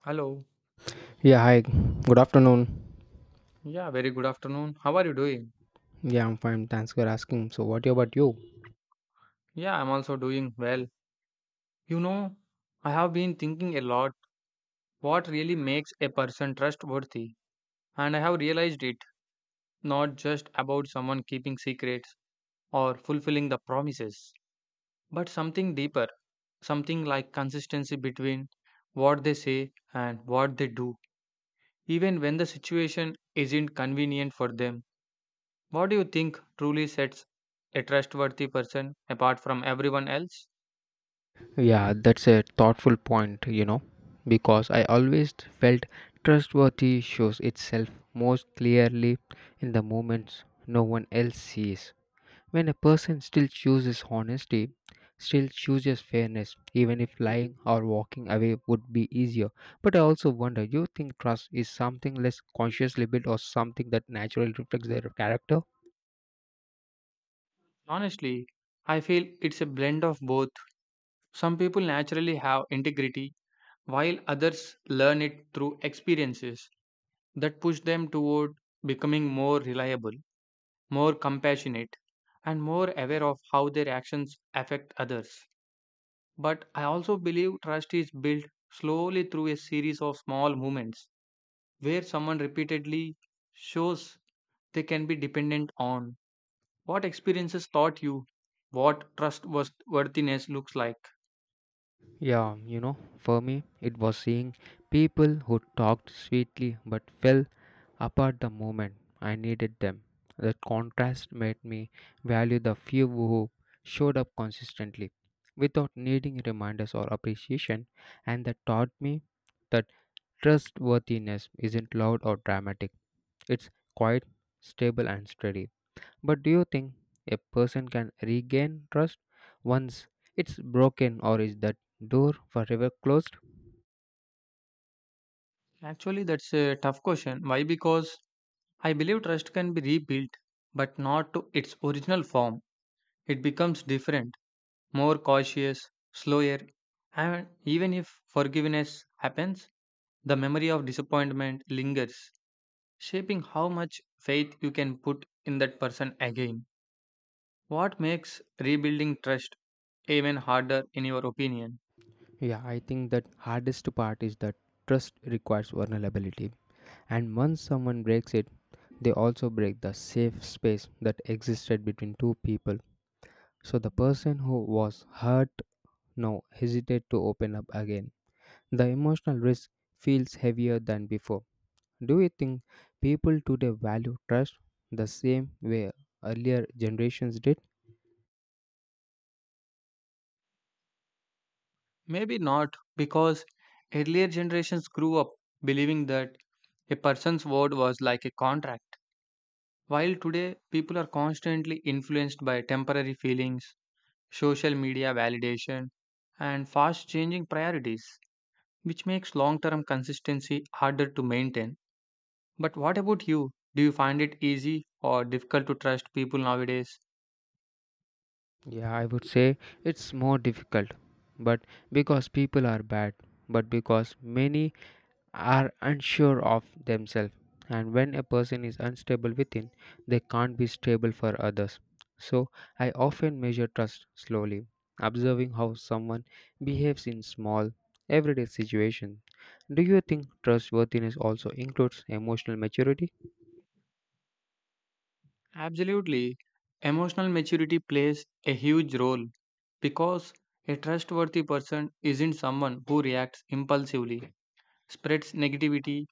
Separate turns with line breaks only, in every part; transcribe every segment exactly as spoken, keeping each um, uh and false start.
Hello.
Yeah, hi. Good afternoon.
Yeah, very good afternoon. How are you doing?
Yeah, I'm fine. Thanks for asking. So, what about you?
Yeah, I'm also doing well. You know, I have been thinking a lot what really makes a person trustworthy, and I have realized it not just about someone keeping secrets or fulfilling the promises, but something deeper, something like consistency between what they say and what they do, even when the situation isn't convenient for them. What do you think truly sets a trustworthy person apart from everyone else?
Yeah, that's a thoughtful point, you know, because I always felt trustworthy shows itself most clearly in the moments no one else sees. When a person still chooses honesty, still chooses fairness, even if lying or walking away would be easier. But I also wonder, you think trust is something less consciously built or something that naturally reflects their character?
Honestly, I feel it's a blend of both. Some people naturally have integrity, while others learn it through experiences that push them toward becoming more reliable, more compassionate, and more aware of how their actions affect others. But I also believe trust is built slowly through a series of small moments where someone repeatedly shows they can be dependent on what experiences taught you what trustworthiness looks like.
Yeah, you know, for me, it was seeing people who talked sweetly but fell apart the moment I needed them. That contrast made me value the few who showed up consistently without needing reminders or appreciation, and that taught me that trustworthiness isn't loud or dramatic, it's quiet, stable and steady. But do you think a person can regain trust once it's broken, or is that door forever closed?
Actually, that's a tough question. Why? Because I believe trust can be rebuilt, but not to its original form. It becomes different, more cautious, slower, and even if forgiveness happens, the memory of disappointment lingers, shaping how much faith you can put in that person again. What makes rebuilding trust even harder, in your opinion?
Yeah, I think that hardest part is that trust requires vulnerability. And once someone breaks it, they also break the safe space that existed between two people. So the person who was hurt now hesitate to open up again. The emotional risk feels heavier than before. Do you think people today value trust the same way earlier generations did?
Maybe not, because earlier generations grew up believing that a person's word was like a contract, while today people are constantly influenced by temporary feelings, social media validation, and fast changing priorities, which makes long term consistency harder to maintain. But what about you? Do you find it easy or difficult to trust people nowadays?
Yeah, I would say it's more difficult, but because people are bad, but because many are unsure of themselves. And when a person is unstable within, they can't be stable for others. So I often measure trust slowly, observing how someone behaves in small, everyday situations. Do you think trustworthiness also includes emotional maturity?
Absolutely. Emotional maturity plays a huge role because a trustworthy person isn't someone who reacts impulsively, spreads negativity,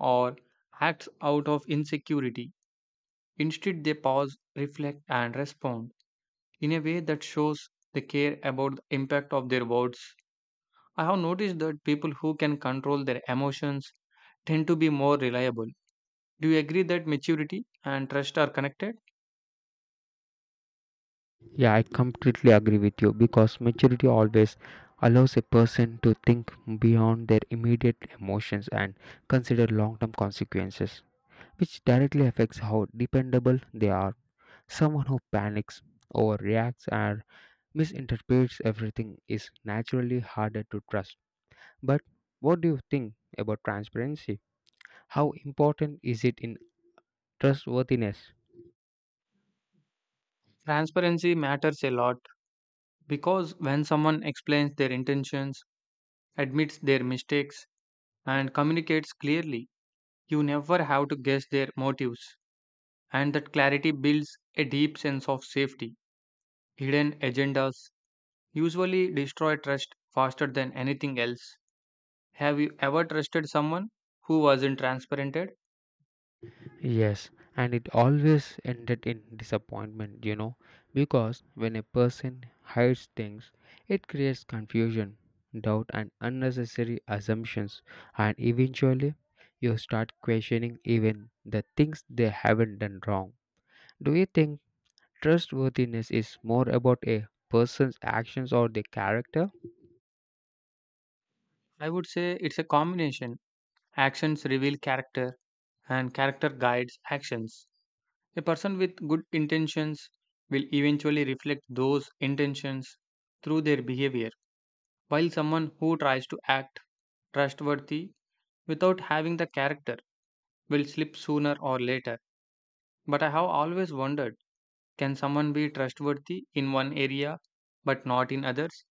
or acts out of insecurity. Instead, they pause, reflect, and respond in a way that shows they care about the impact of their words. I have noticed that people who can control their emotions tend to be more reliable. Do you agree that maturity and trust are connected?
Yeah, I completely agree with you because maturity always allows a person to think beyond their immediate emotions and consider long term consequences, which directly affects how dependable they are. Someone who panics, overreacts, or misinterprets everything is naturally harder to trust. But what do you think about transparency? How important is it in trustworthiness?
Transparency matters a lot. Because when someone explains their intentions, admits their mistakes, and communicates clearly, you never have to guess their motives. And that clarity builds a deep sense of safety. Hidden agendas usually destroy trust faster than anything else. Have you ever trusted someone who wasn't transparent?
Yes, and it always ended in disappointment, you know, because when a person hides things, it creates confusion, doubt, and unnecessary assumptions, and eventually you start questioning even the things they haven't done wrong. Do you think? Trustworthiness is more about a person's actions or their character.
I would say it's a combination. Actions reveal character, and character guides actions. A person with good intentions will eventually reflect those intentions through their behavior, while someone who tries to act trustworthy without having the character will slip sooner or later. But I have always wondered, can someone be trustworthy in one area but not in others?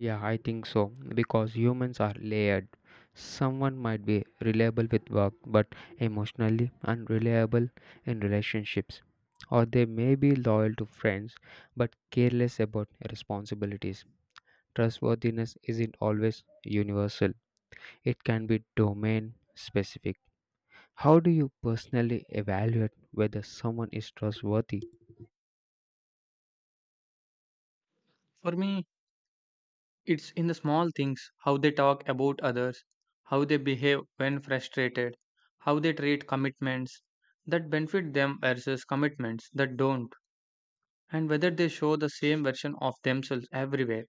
Yeah, I think so. Because humans are layered. Someone might be reliable with work but emotionally unreliable in relationships. Or they may be loyal to friends but careless about responsibilities. Trustworthiness isn't always universal, it can be domain specific. How do you personally evaluate whether someone is trustworthy?
For me, it's in the small things, how they talk about others, how they behave when frustrated, how they treat commitments that benefit them versus commitments that don't, and whether they show the same version of themselves everywhere.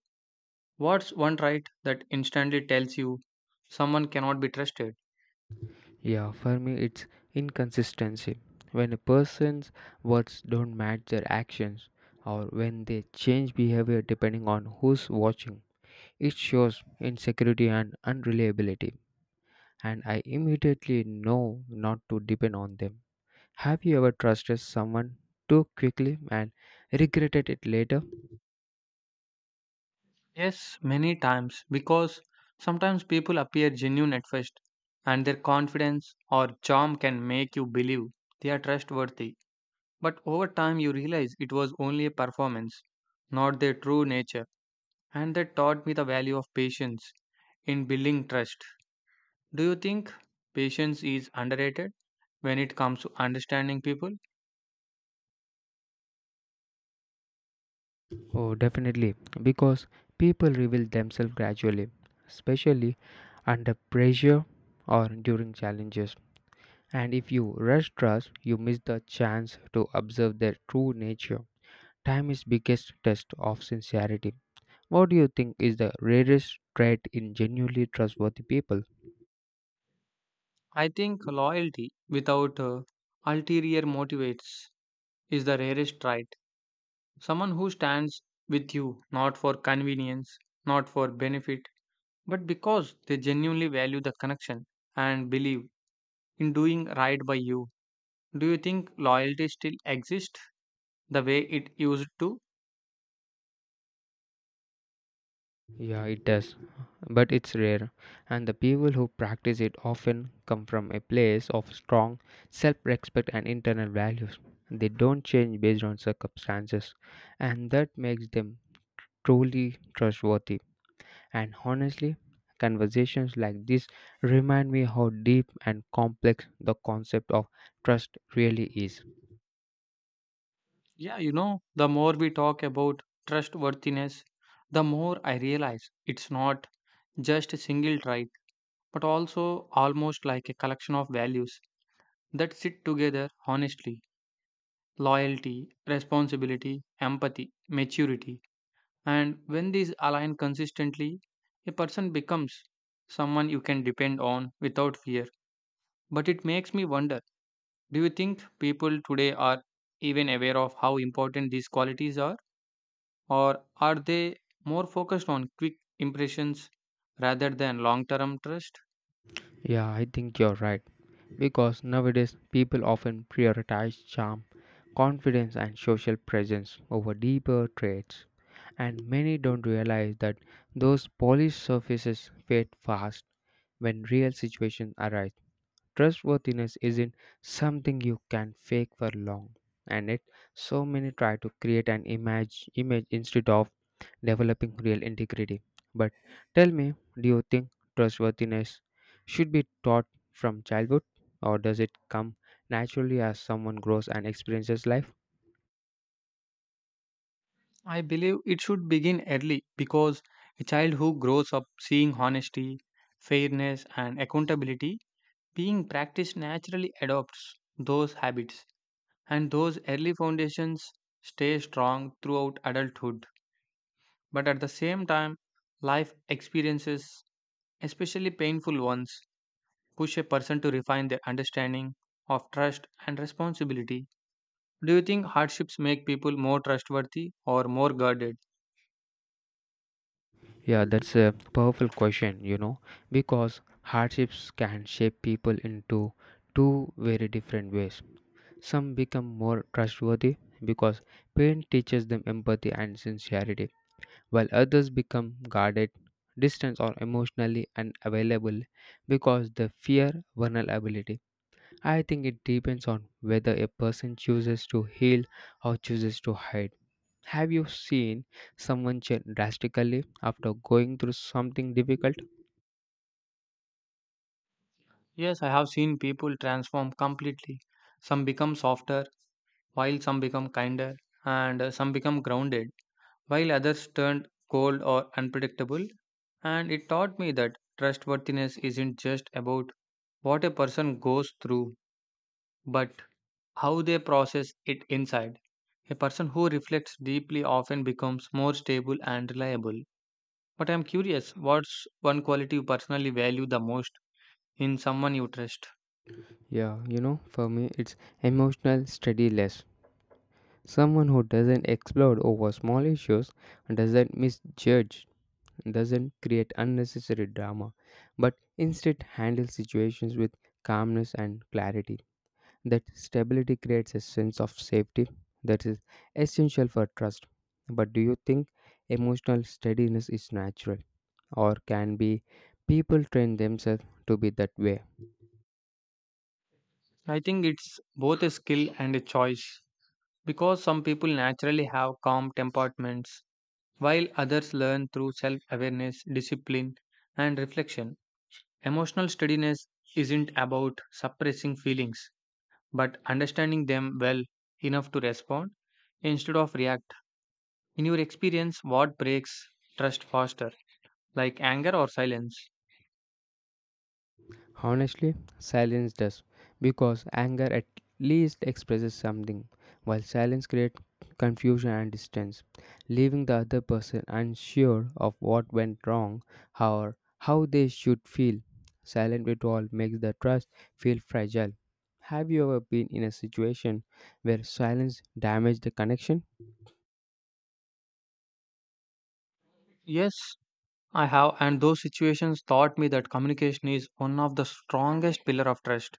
What's one trait that instantly tells you someone cannot be trusted?
Yeah, for me, it's inconsistency. When a person's words don't match their actions, or when they change behavior depending on who's watching, it shows insecurity and unreliability. And I immediately know not to depend on them. Have you ever trusted someone too quickly and regretted it later?
Yes, many times, because sometimes people appear genuine at first, and their confidence or charm can make you believe they are trustworthy. But over time, you realize it was only a performance, not their true nature, and that taught me the value of patience in building trust. Do you think patience is underrated when it comes to understanding people?
Oh, definitely, because people reveal themselves gradually, especially under pressure or during challenges. And if you rush trust, you miss the chance to observe their true nature. Time is biggest test of sincerity. What do you think is the rarest trait in genuinely trustworthy people?
I think loyalty without uh, ulterior motivates is the rarest right. Someone who stands with you not for convenience, not for benefit, but because they genuinely value the connection and believe in doing right by you. Do you think loyalty still exists the way it used to?
Yeah, it does, but it's rare. And the people who practice it often come from a place of strong self respect and internal values. They don't change based on circumstances, and that makes them truly trustworthy. And honestly, conversations like this remind me how deep and complex the concept of trust really is.
Yeah, you know, the more we talk about trustworthiness, the more I realize it's not just a single trait, but also almost like a collection of values that sit together honestly, loyalty, responsibility, empathy, maturity. And when these align consistently, a person becomes someone you can depend on without fear. But it makes me wonder, do you think people today are even aware of how important these qualities are? Or are they more focused on quick impressions rather than long term trust?
Yeah, I think you're right. Because nowadays, people often prioritize charm, confidence, and social presence over deeper traits. And many don't realize that those polished surfaces fade fast when real situations arise. Trustworthiness isn't something you can fake for long, and it so many try to create an image image instead of developing real integrity. But tell me, do you think trustworthiness should be taught from childhood, or does it come naturally as someone grows and experiences life?
I believe it should begin early because a child who grows up seeing honesty, fairness, and accountability being practiced naturally adopts those habits, and those early foundations stay strong throughout adulthood. But at the same time, life experiences, especially painful ones, push a person to refine their understanding of trust and responsibility. Do you think hardships make people more trustworthy or more guarded?
Yeah, that's a powerful question, you know, because hardships can shape people into two very different ways. Some become more trustworthy because pain teaches them empathy and sincerity, while others become guarded, distant, or emotionally unavailable because they fear vulnerability. I think it depends on whether a person chooses to heal or chooses to hide. Have you seen someone change drastically after going through something difficult?
Yes, I have seen people transform completely. Some become softer, while some become kinder, and uh, some become grounded, while others turned cold or unpredictable. And it taught me that trustworthiness isn't just about what a person goes through, but how they process it inside. A person who reflects deeply often becomes more stable and reliable. But I'm curious, what's one quality you personally value the most in someone you trust?
Yeah, you know, for me, it's emotional steadiness. Someone who doesn't explode over small issues, doesn't misjudge, doesn't create unnecessary drama, but instead handles situations with calmness and clarity. That stability creates a sense of safety that is essential for trust. But do you think emotional steadiness is natural, or can be people train themselves to be that way?
I think it's both a skill and a choice because some people naturally have calm temperaments while others learn through self awareness, discipline, and reflection. Emotional steadiness isn't about suppressing feelings but understanding them well enough to respond instead of react. In your experience, what breaks trust faster, like anger or silence?
Honestly, silence does, because anger at least expresses something, while silence creates confusion and distance, leaving the other person unsure of what went wrong or how they should feel. Silent withdrawal makes the trust feel fragile. Have you ever been in a situation where silence damaged the connection?
Yes, I have, and those situations taught me that communication is one of the strongest pillar of trust.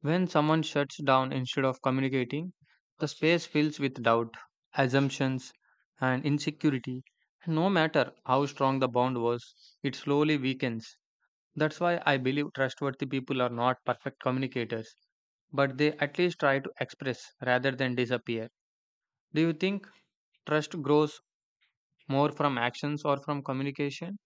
When someone shuts down instead of communicating, the space fills with doubt, assumptions, and insecurity. No matter how strong the bond was, it slowly weakens. That's why I believe trustworthy people are not perfect communicators, but they at least try to express rather than disappear. Do you think trust grows more from actions or from communication?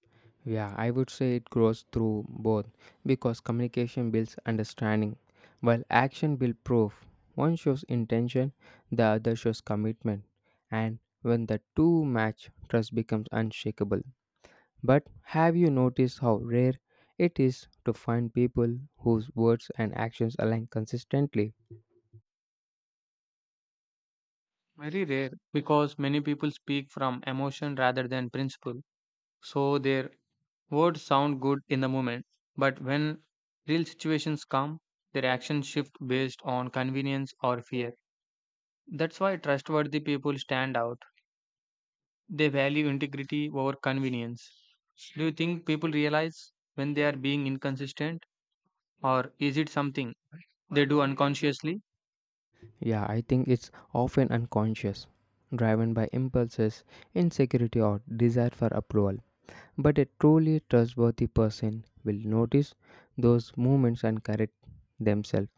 Yeah, I would say it grows through both because communication builds understanding, while action builds proof. One shows intention, the other shows commitment, and when the two match, trust becomes unshakable. But have you noticed how rare it is to find people whose words and actions align consistently?
Very rare because many people speak from emotion rather than principle. So their words sound good in the moment, but when real situations come, their actions shift based on convenience or fear. That's why trustworthy people stand out. They value integrity over convenience. Do you think people realize when they are being inconsistent, or is it something they do unconsciously?
Yeah, I think it's often unconscious, driven by impulses, insecurity, or desire for approval. But a truly trustworthy person will notice those moments and correct themselves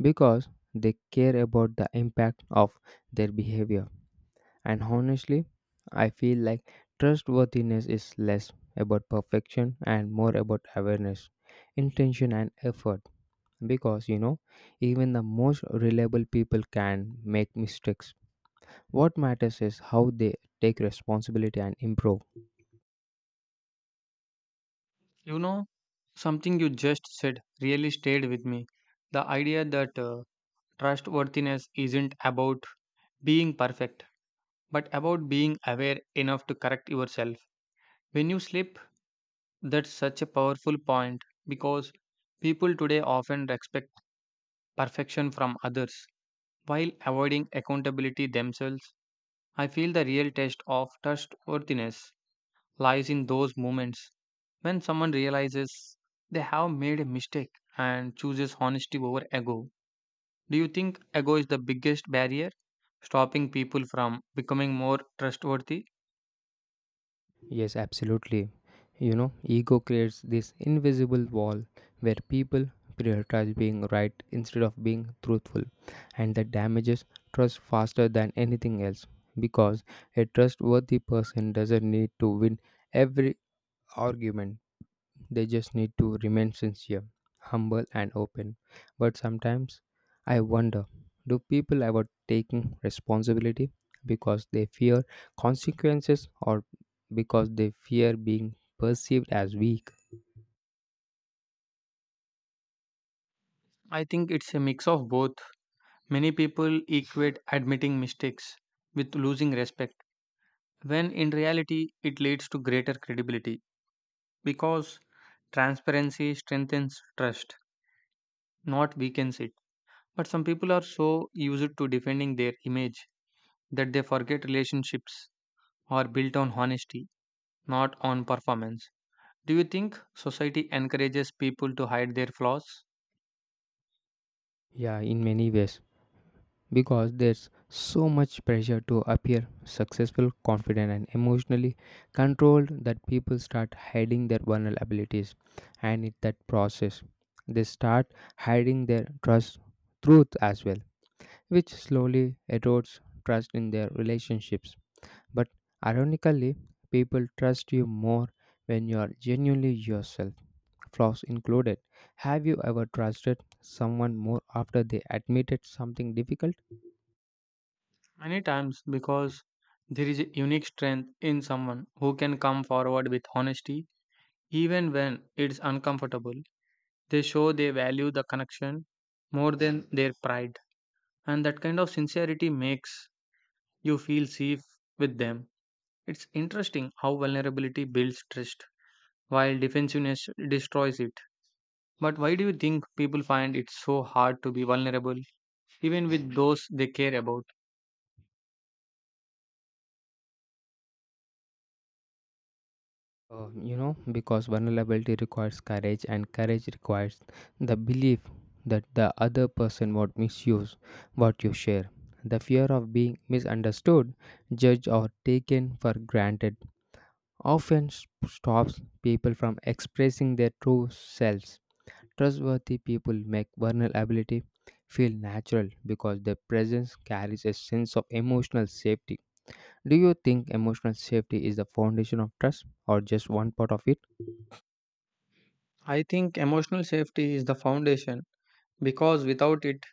because they care about the impact of their behavior. And honestly, I feel like trustworthiness is less about perfection and more about awareness, intention, and effort. Because you know, even the most reliable people can make mistakes. What matters is how they take responsibility and improve.
You know, something you just said really stayed with me. The idea that uh, trustworthiness isn't about being perfect, but about being aware enough to correct yourself. When you sleep, that's such a powerful point because people today often expect perfection from others while avoiding accountability themselves. I feel the real test of trustworthiness lies in those moments when someone realizes they have made a mistake and chooses honesty over ego. Do you think ego is the biggest barrier stopping people from becoming more trustworthy?
Yes, absolutely. You know, ego creates this invisible wall where people prioritize being right instead of being truthful, and that damages trust faster than anything else because a trustworthy person doesn't need to win every argument. They just need to remain sincere, humble, and open. But sometimes I wonder do people avoid taking responsibility because they fear consequences or because they fear being perceived as weak?
I think it's a mix of both. Many people equate admitting mistakes with losing respect, when in reality, it leads to greater credibility because transparency strengthens trust, not weakens it. But some people are so used to defending their image that they forget relationships are built on honesty, not on performance. Do you think society encourages people to hide their flaws?
Yeah, in many ways, because there's so much pressure to appear successful, confident, and emotionally controlled that people start hiding their vulnerabilities. And in that process, they start hiding their trust, truth as well, which slowly erodes trust in their relationships. But ironically, people trust you more when you are genuinely yourself, flaws included. Have you ever trusted someone more after they admitted something difficult?
Many times, because there is a unique strength in someone who can come forward with honesty. Even when it's uncomfortable, they show they value the connection more than their pride. And that kind of sincerity makes you feel safe with them. It's interesting how vulnerability builds trust while defensiveness destroys it. But why do you think people find it so hard to be vulnerable, even with those they care about?
Uh, you know, because vulnerability requires courage, and courage requires the belief that the other person won't misuse what you share. The fear of being misunderstood, judged, or taken for granted often s- stops people from expressing their true selves. Trustworthy people make vulnerability feel natural because their presence carries a sense of emotional safety. Do you think emotional safety is the foundation of trust or just one part of it?
I think emotional safety is the foundation because without it,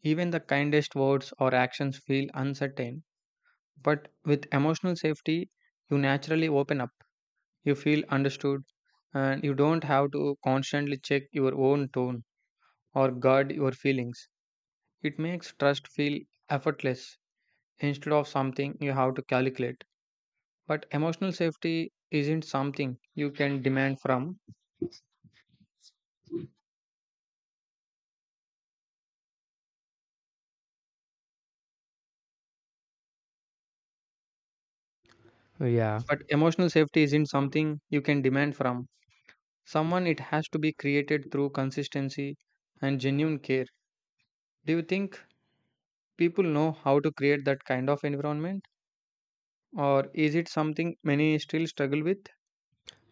even the kindest words or actions feel uncertain. But with emotional safety, you naturally open up, you feel understood, and you don't have to constantly check your own tone or guard your feelings. It makes trust feel effortless instead of something you have to calculate. But emotional safety isn't something you can demand from.
Yeah,
But emotional safety isn't something you can demand from someone, it has to be created through consistency and genuine care. Do you think people know how to create that kind of environment? Or is it something many still struggle with?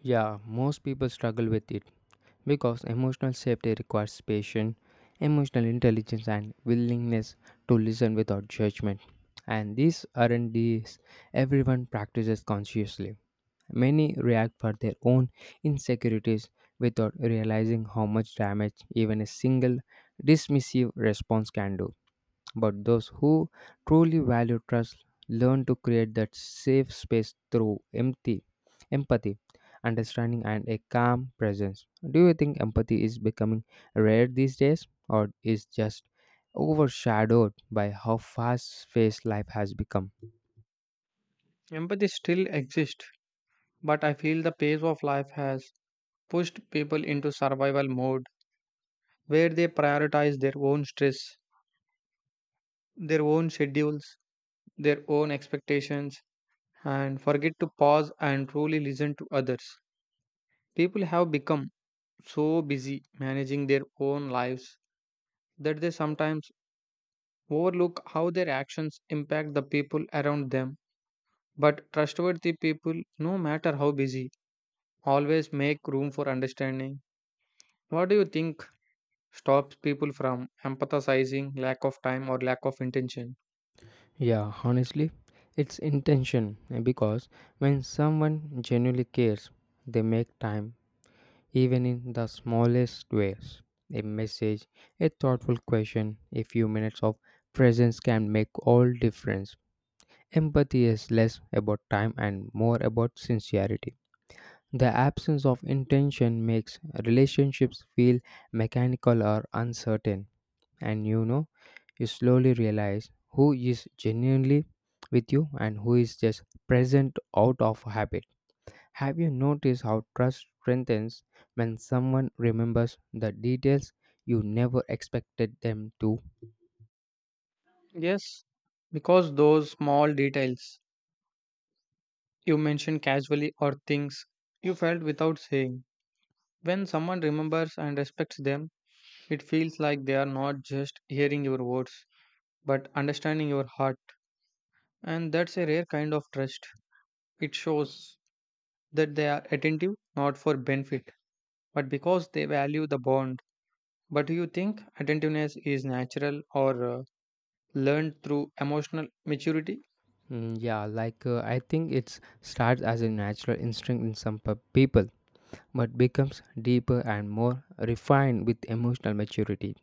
yeah, most people struggle with it because emotional safety requires patience, emotional intelligence, and willingness to listen without judgment. And these aren't these everyone practices consciously. Many react for their own insecurities without realizing how much damage even a single dismissive response can do. But those who truly value trust learn to create that safe space through empathy, empathy, understanding, and a calm presence. Do you think empathy is becoming rare these days, or is just overshadowed by how fast-paced life has become?
Empathy still exists, but I feel the pace of life has pushed people into survival mode where they prioritize their own stress, their own schedules, their own expectations, and forget to pause and truly listen to others. People have become so busy managing their own lives that they sometimes overlook how their actions impact the people around them. But trustworthy people, no matter how busy, always make room for understanding. What do you think stops people from empathizing, lack of time or lack of intention?
Yeah, honestly, it's intention eh, because when someone genuinely cares, they make time. Even in the smallest ways, a message, a thoughtful question, a few minutes of presence can make all difference. Empathy is less about time and more about sincerity. The absence of intention makes relationships feel mechanical or uncertain, and you know, you slowly realize who is genuinely with you and who is just present out of habit. Have you noticed how trust strengthens when someone remembers the details you never expected them to?
Yes, because those small details you mentioned casually or things you felt without saying. When someone remembers and respects them, it feels like they are not just hearing your words but understanding your heart. And that's a rare kind of trust. It shows that they are attentive not for benefit but because they value the bond. But do you think attentiveness is natural or uh, learned through emotional maturity?
Mm, yeah, like uh, I think it starts as a natural instinct in some pe- people, but becomes deeper and more refined with emotional maturity.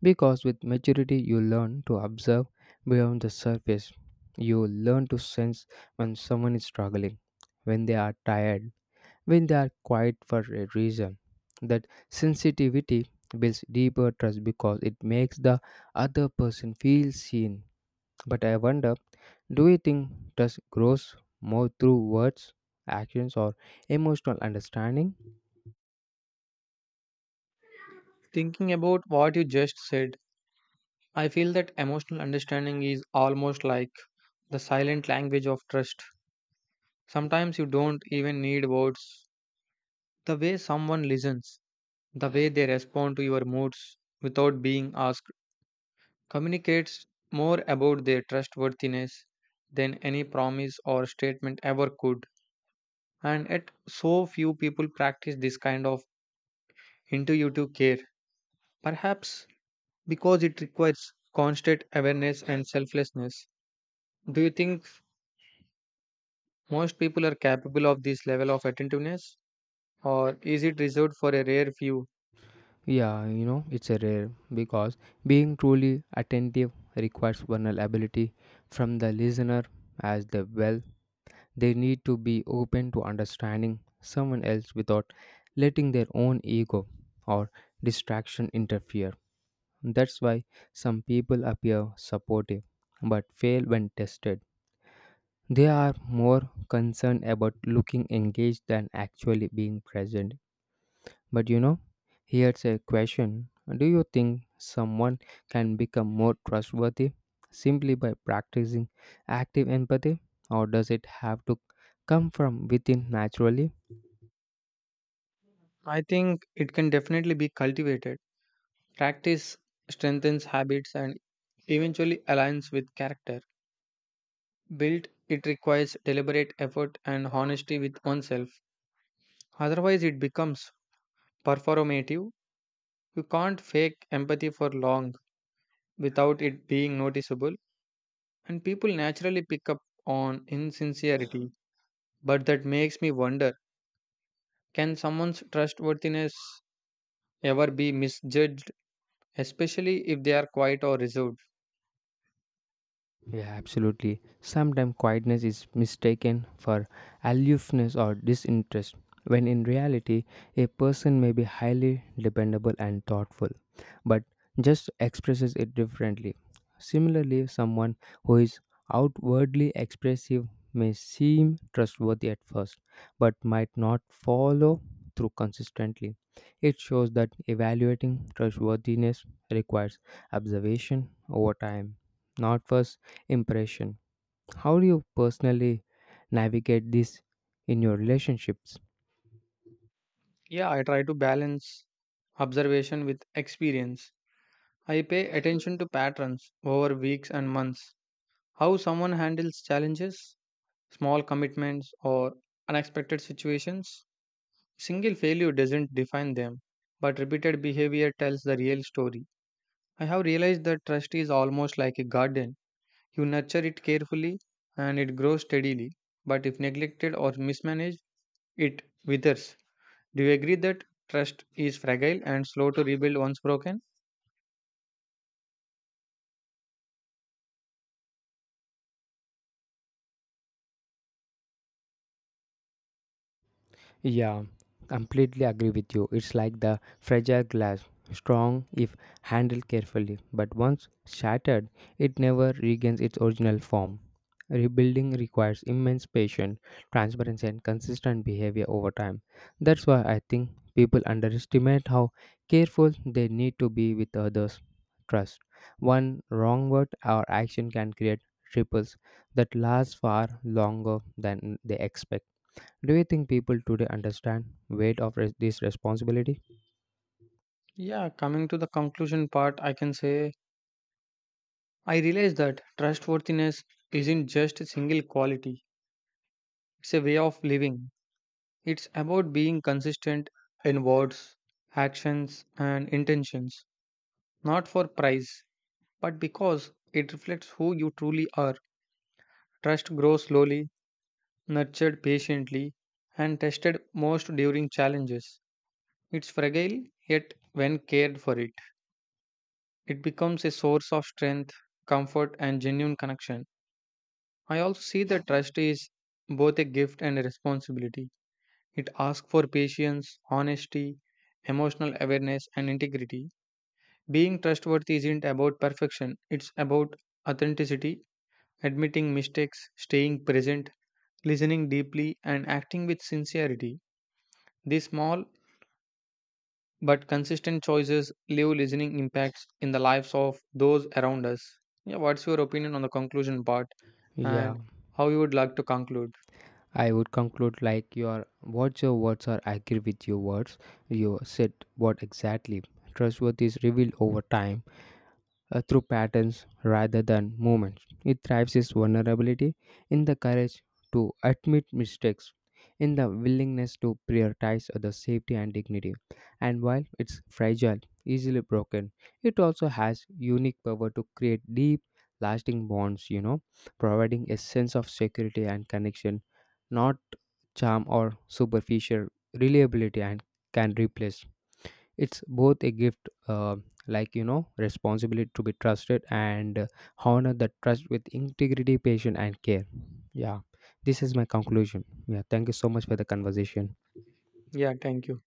Because with maturity, you learn to observe beyond the surface. You learn to sense when someone is struggling, when they are tired, when they are quiet for a reason, that sensitivity builds deeper trust because it makes the other person feel seen. But I wonder, do you think trust grows more through words, actions, or emotional understanding?
Thinking about what you just said, I feel that emotional understanding is almost like the silent language of trust. Sometimes you don't even need words. The way someone listens, the way they respond to your moods without being asked, communicates more about their trustworthiness than any promise or statement ever could. And yet, so few people practice this kind of into YouTube care, perhaps because it requires constant awareness and selflessness. Do you think most people are capable of this level of attentiveness, or is it reserved for a rare few?
Yeah, you know, it's a rare because being truly attentive requires vulnerability from the listener as the well. They need to be open to understanding someone else without letting their own ego or distraction interfere. That's why some people appear supportive but fail when tested. They are more concerned about looking engaged than actually being present. But you know, here's a question. Do you think someone can become more trustworthy simply by practicing active empathy, or does it have to come from within naturally?
I think it can definitely be cultivated. Practice strengthens habits and eventually aligns with character. Built, it requires deliberate effort and honesty with oneself. Otherwise, it becomes performative. You can't fake empathy for long without it being noticeable. And people naturally pick up on insincerity, but that makes me wonder, can someone's trustworthiness ever be misjudged, especially if they are quiet or reserved?
Yeah, absolutely. Sometimes quietness is mistaken for aloofness or disinterest, when in reality, a person may be highly dependable and thoughtful, but just expresses it differently. Similarly, someone who is outwardly expressive may seem trustworthy at first, but might not follow through consistently. It shows that evaluating trustworthiness requires observation over time, not first impression. How do you personally navigate this in your relationships?
Yeah, I try to balance observation with experience. I pay attention to patterns over weeks and months, how someone handles challenges, small commitments, or unexpected situations. Single failure doesn't define them, but repeated behavior tells the real story. I have realized that trust is almost like a garden. You nurture it carefully and it grows steadily, but if neglected or mismanaged, it withers. Do you agree that trust is fragile and slow to rebuild once broken?
Yeah, completely agree with you. It's like the fragile glass, strong if handled carefully, but once shattered, it never regains its original form. Rebuilding requires immense patience, transparency, and consistent behavior over time. That's why I think people underestimate how careful they need to be with others' trust. One wrong word or action can create ripples that last far longer than they expect. Do you think people today understand weight of res- this responsibility?
Yeah, coming to the conclusion part, I can say I realize that trustworthiness isn't just a single quality, it's a way of living. It's about being consistent in words, actions, and intentions, not for price but because it reflects who you truly are. Trust grows slowly, nurtured patiently, and tested most during challenges. It's fragile, yet, when cared for it, it becomes a source of strength, comfort, and genuine connection. I also see that trust is both a gift and a responsibility. It asks for patience, honesty, emotional awareness, and integrity. Being trustworthy isn't about perfection, it's about authenticity, admitting mistakes, staying present, listening deeply, and acting with sincerity. These small but consistent choices leave listening impacts in the lives of those around us. Yeah, what's your opinion on the conclusion part
Yeah,
and how you would like to conclude?
I would conclude like your what's your words are agree with your words. You said what exactly trustworth is revealed over time uh, through patterns rather than movements. It thrives its vulnerability in the courage to admit mistakes, in the willingness to prioritize other safety and dignity. And while it's fragile, easily broken, it also has unique power to create deep, lasting bonds, you know, providing a sense of security and connection, not charm or superficial reliability and can replace. It's both a gift, uh, like you know, responsibility to be trusted and uh, honor that trust with integrity, patience, and care. Yeah, this is my conclusion. Yeah, thank you so much for the conversation.
Yeah, thank you.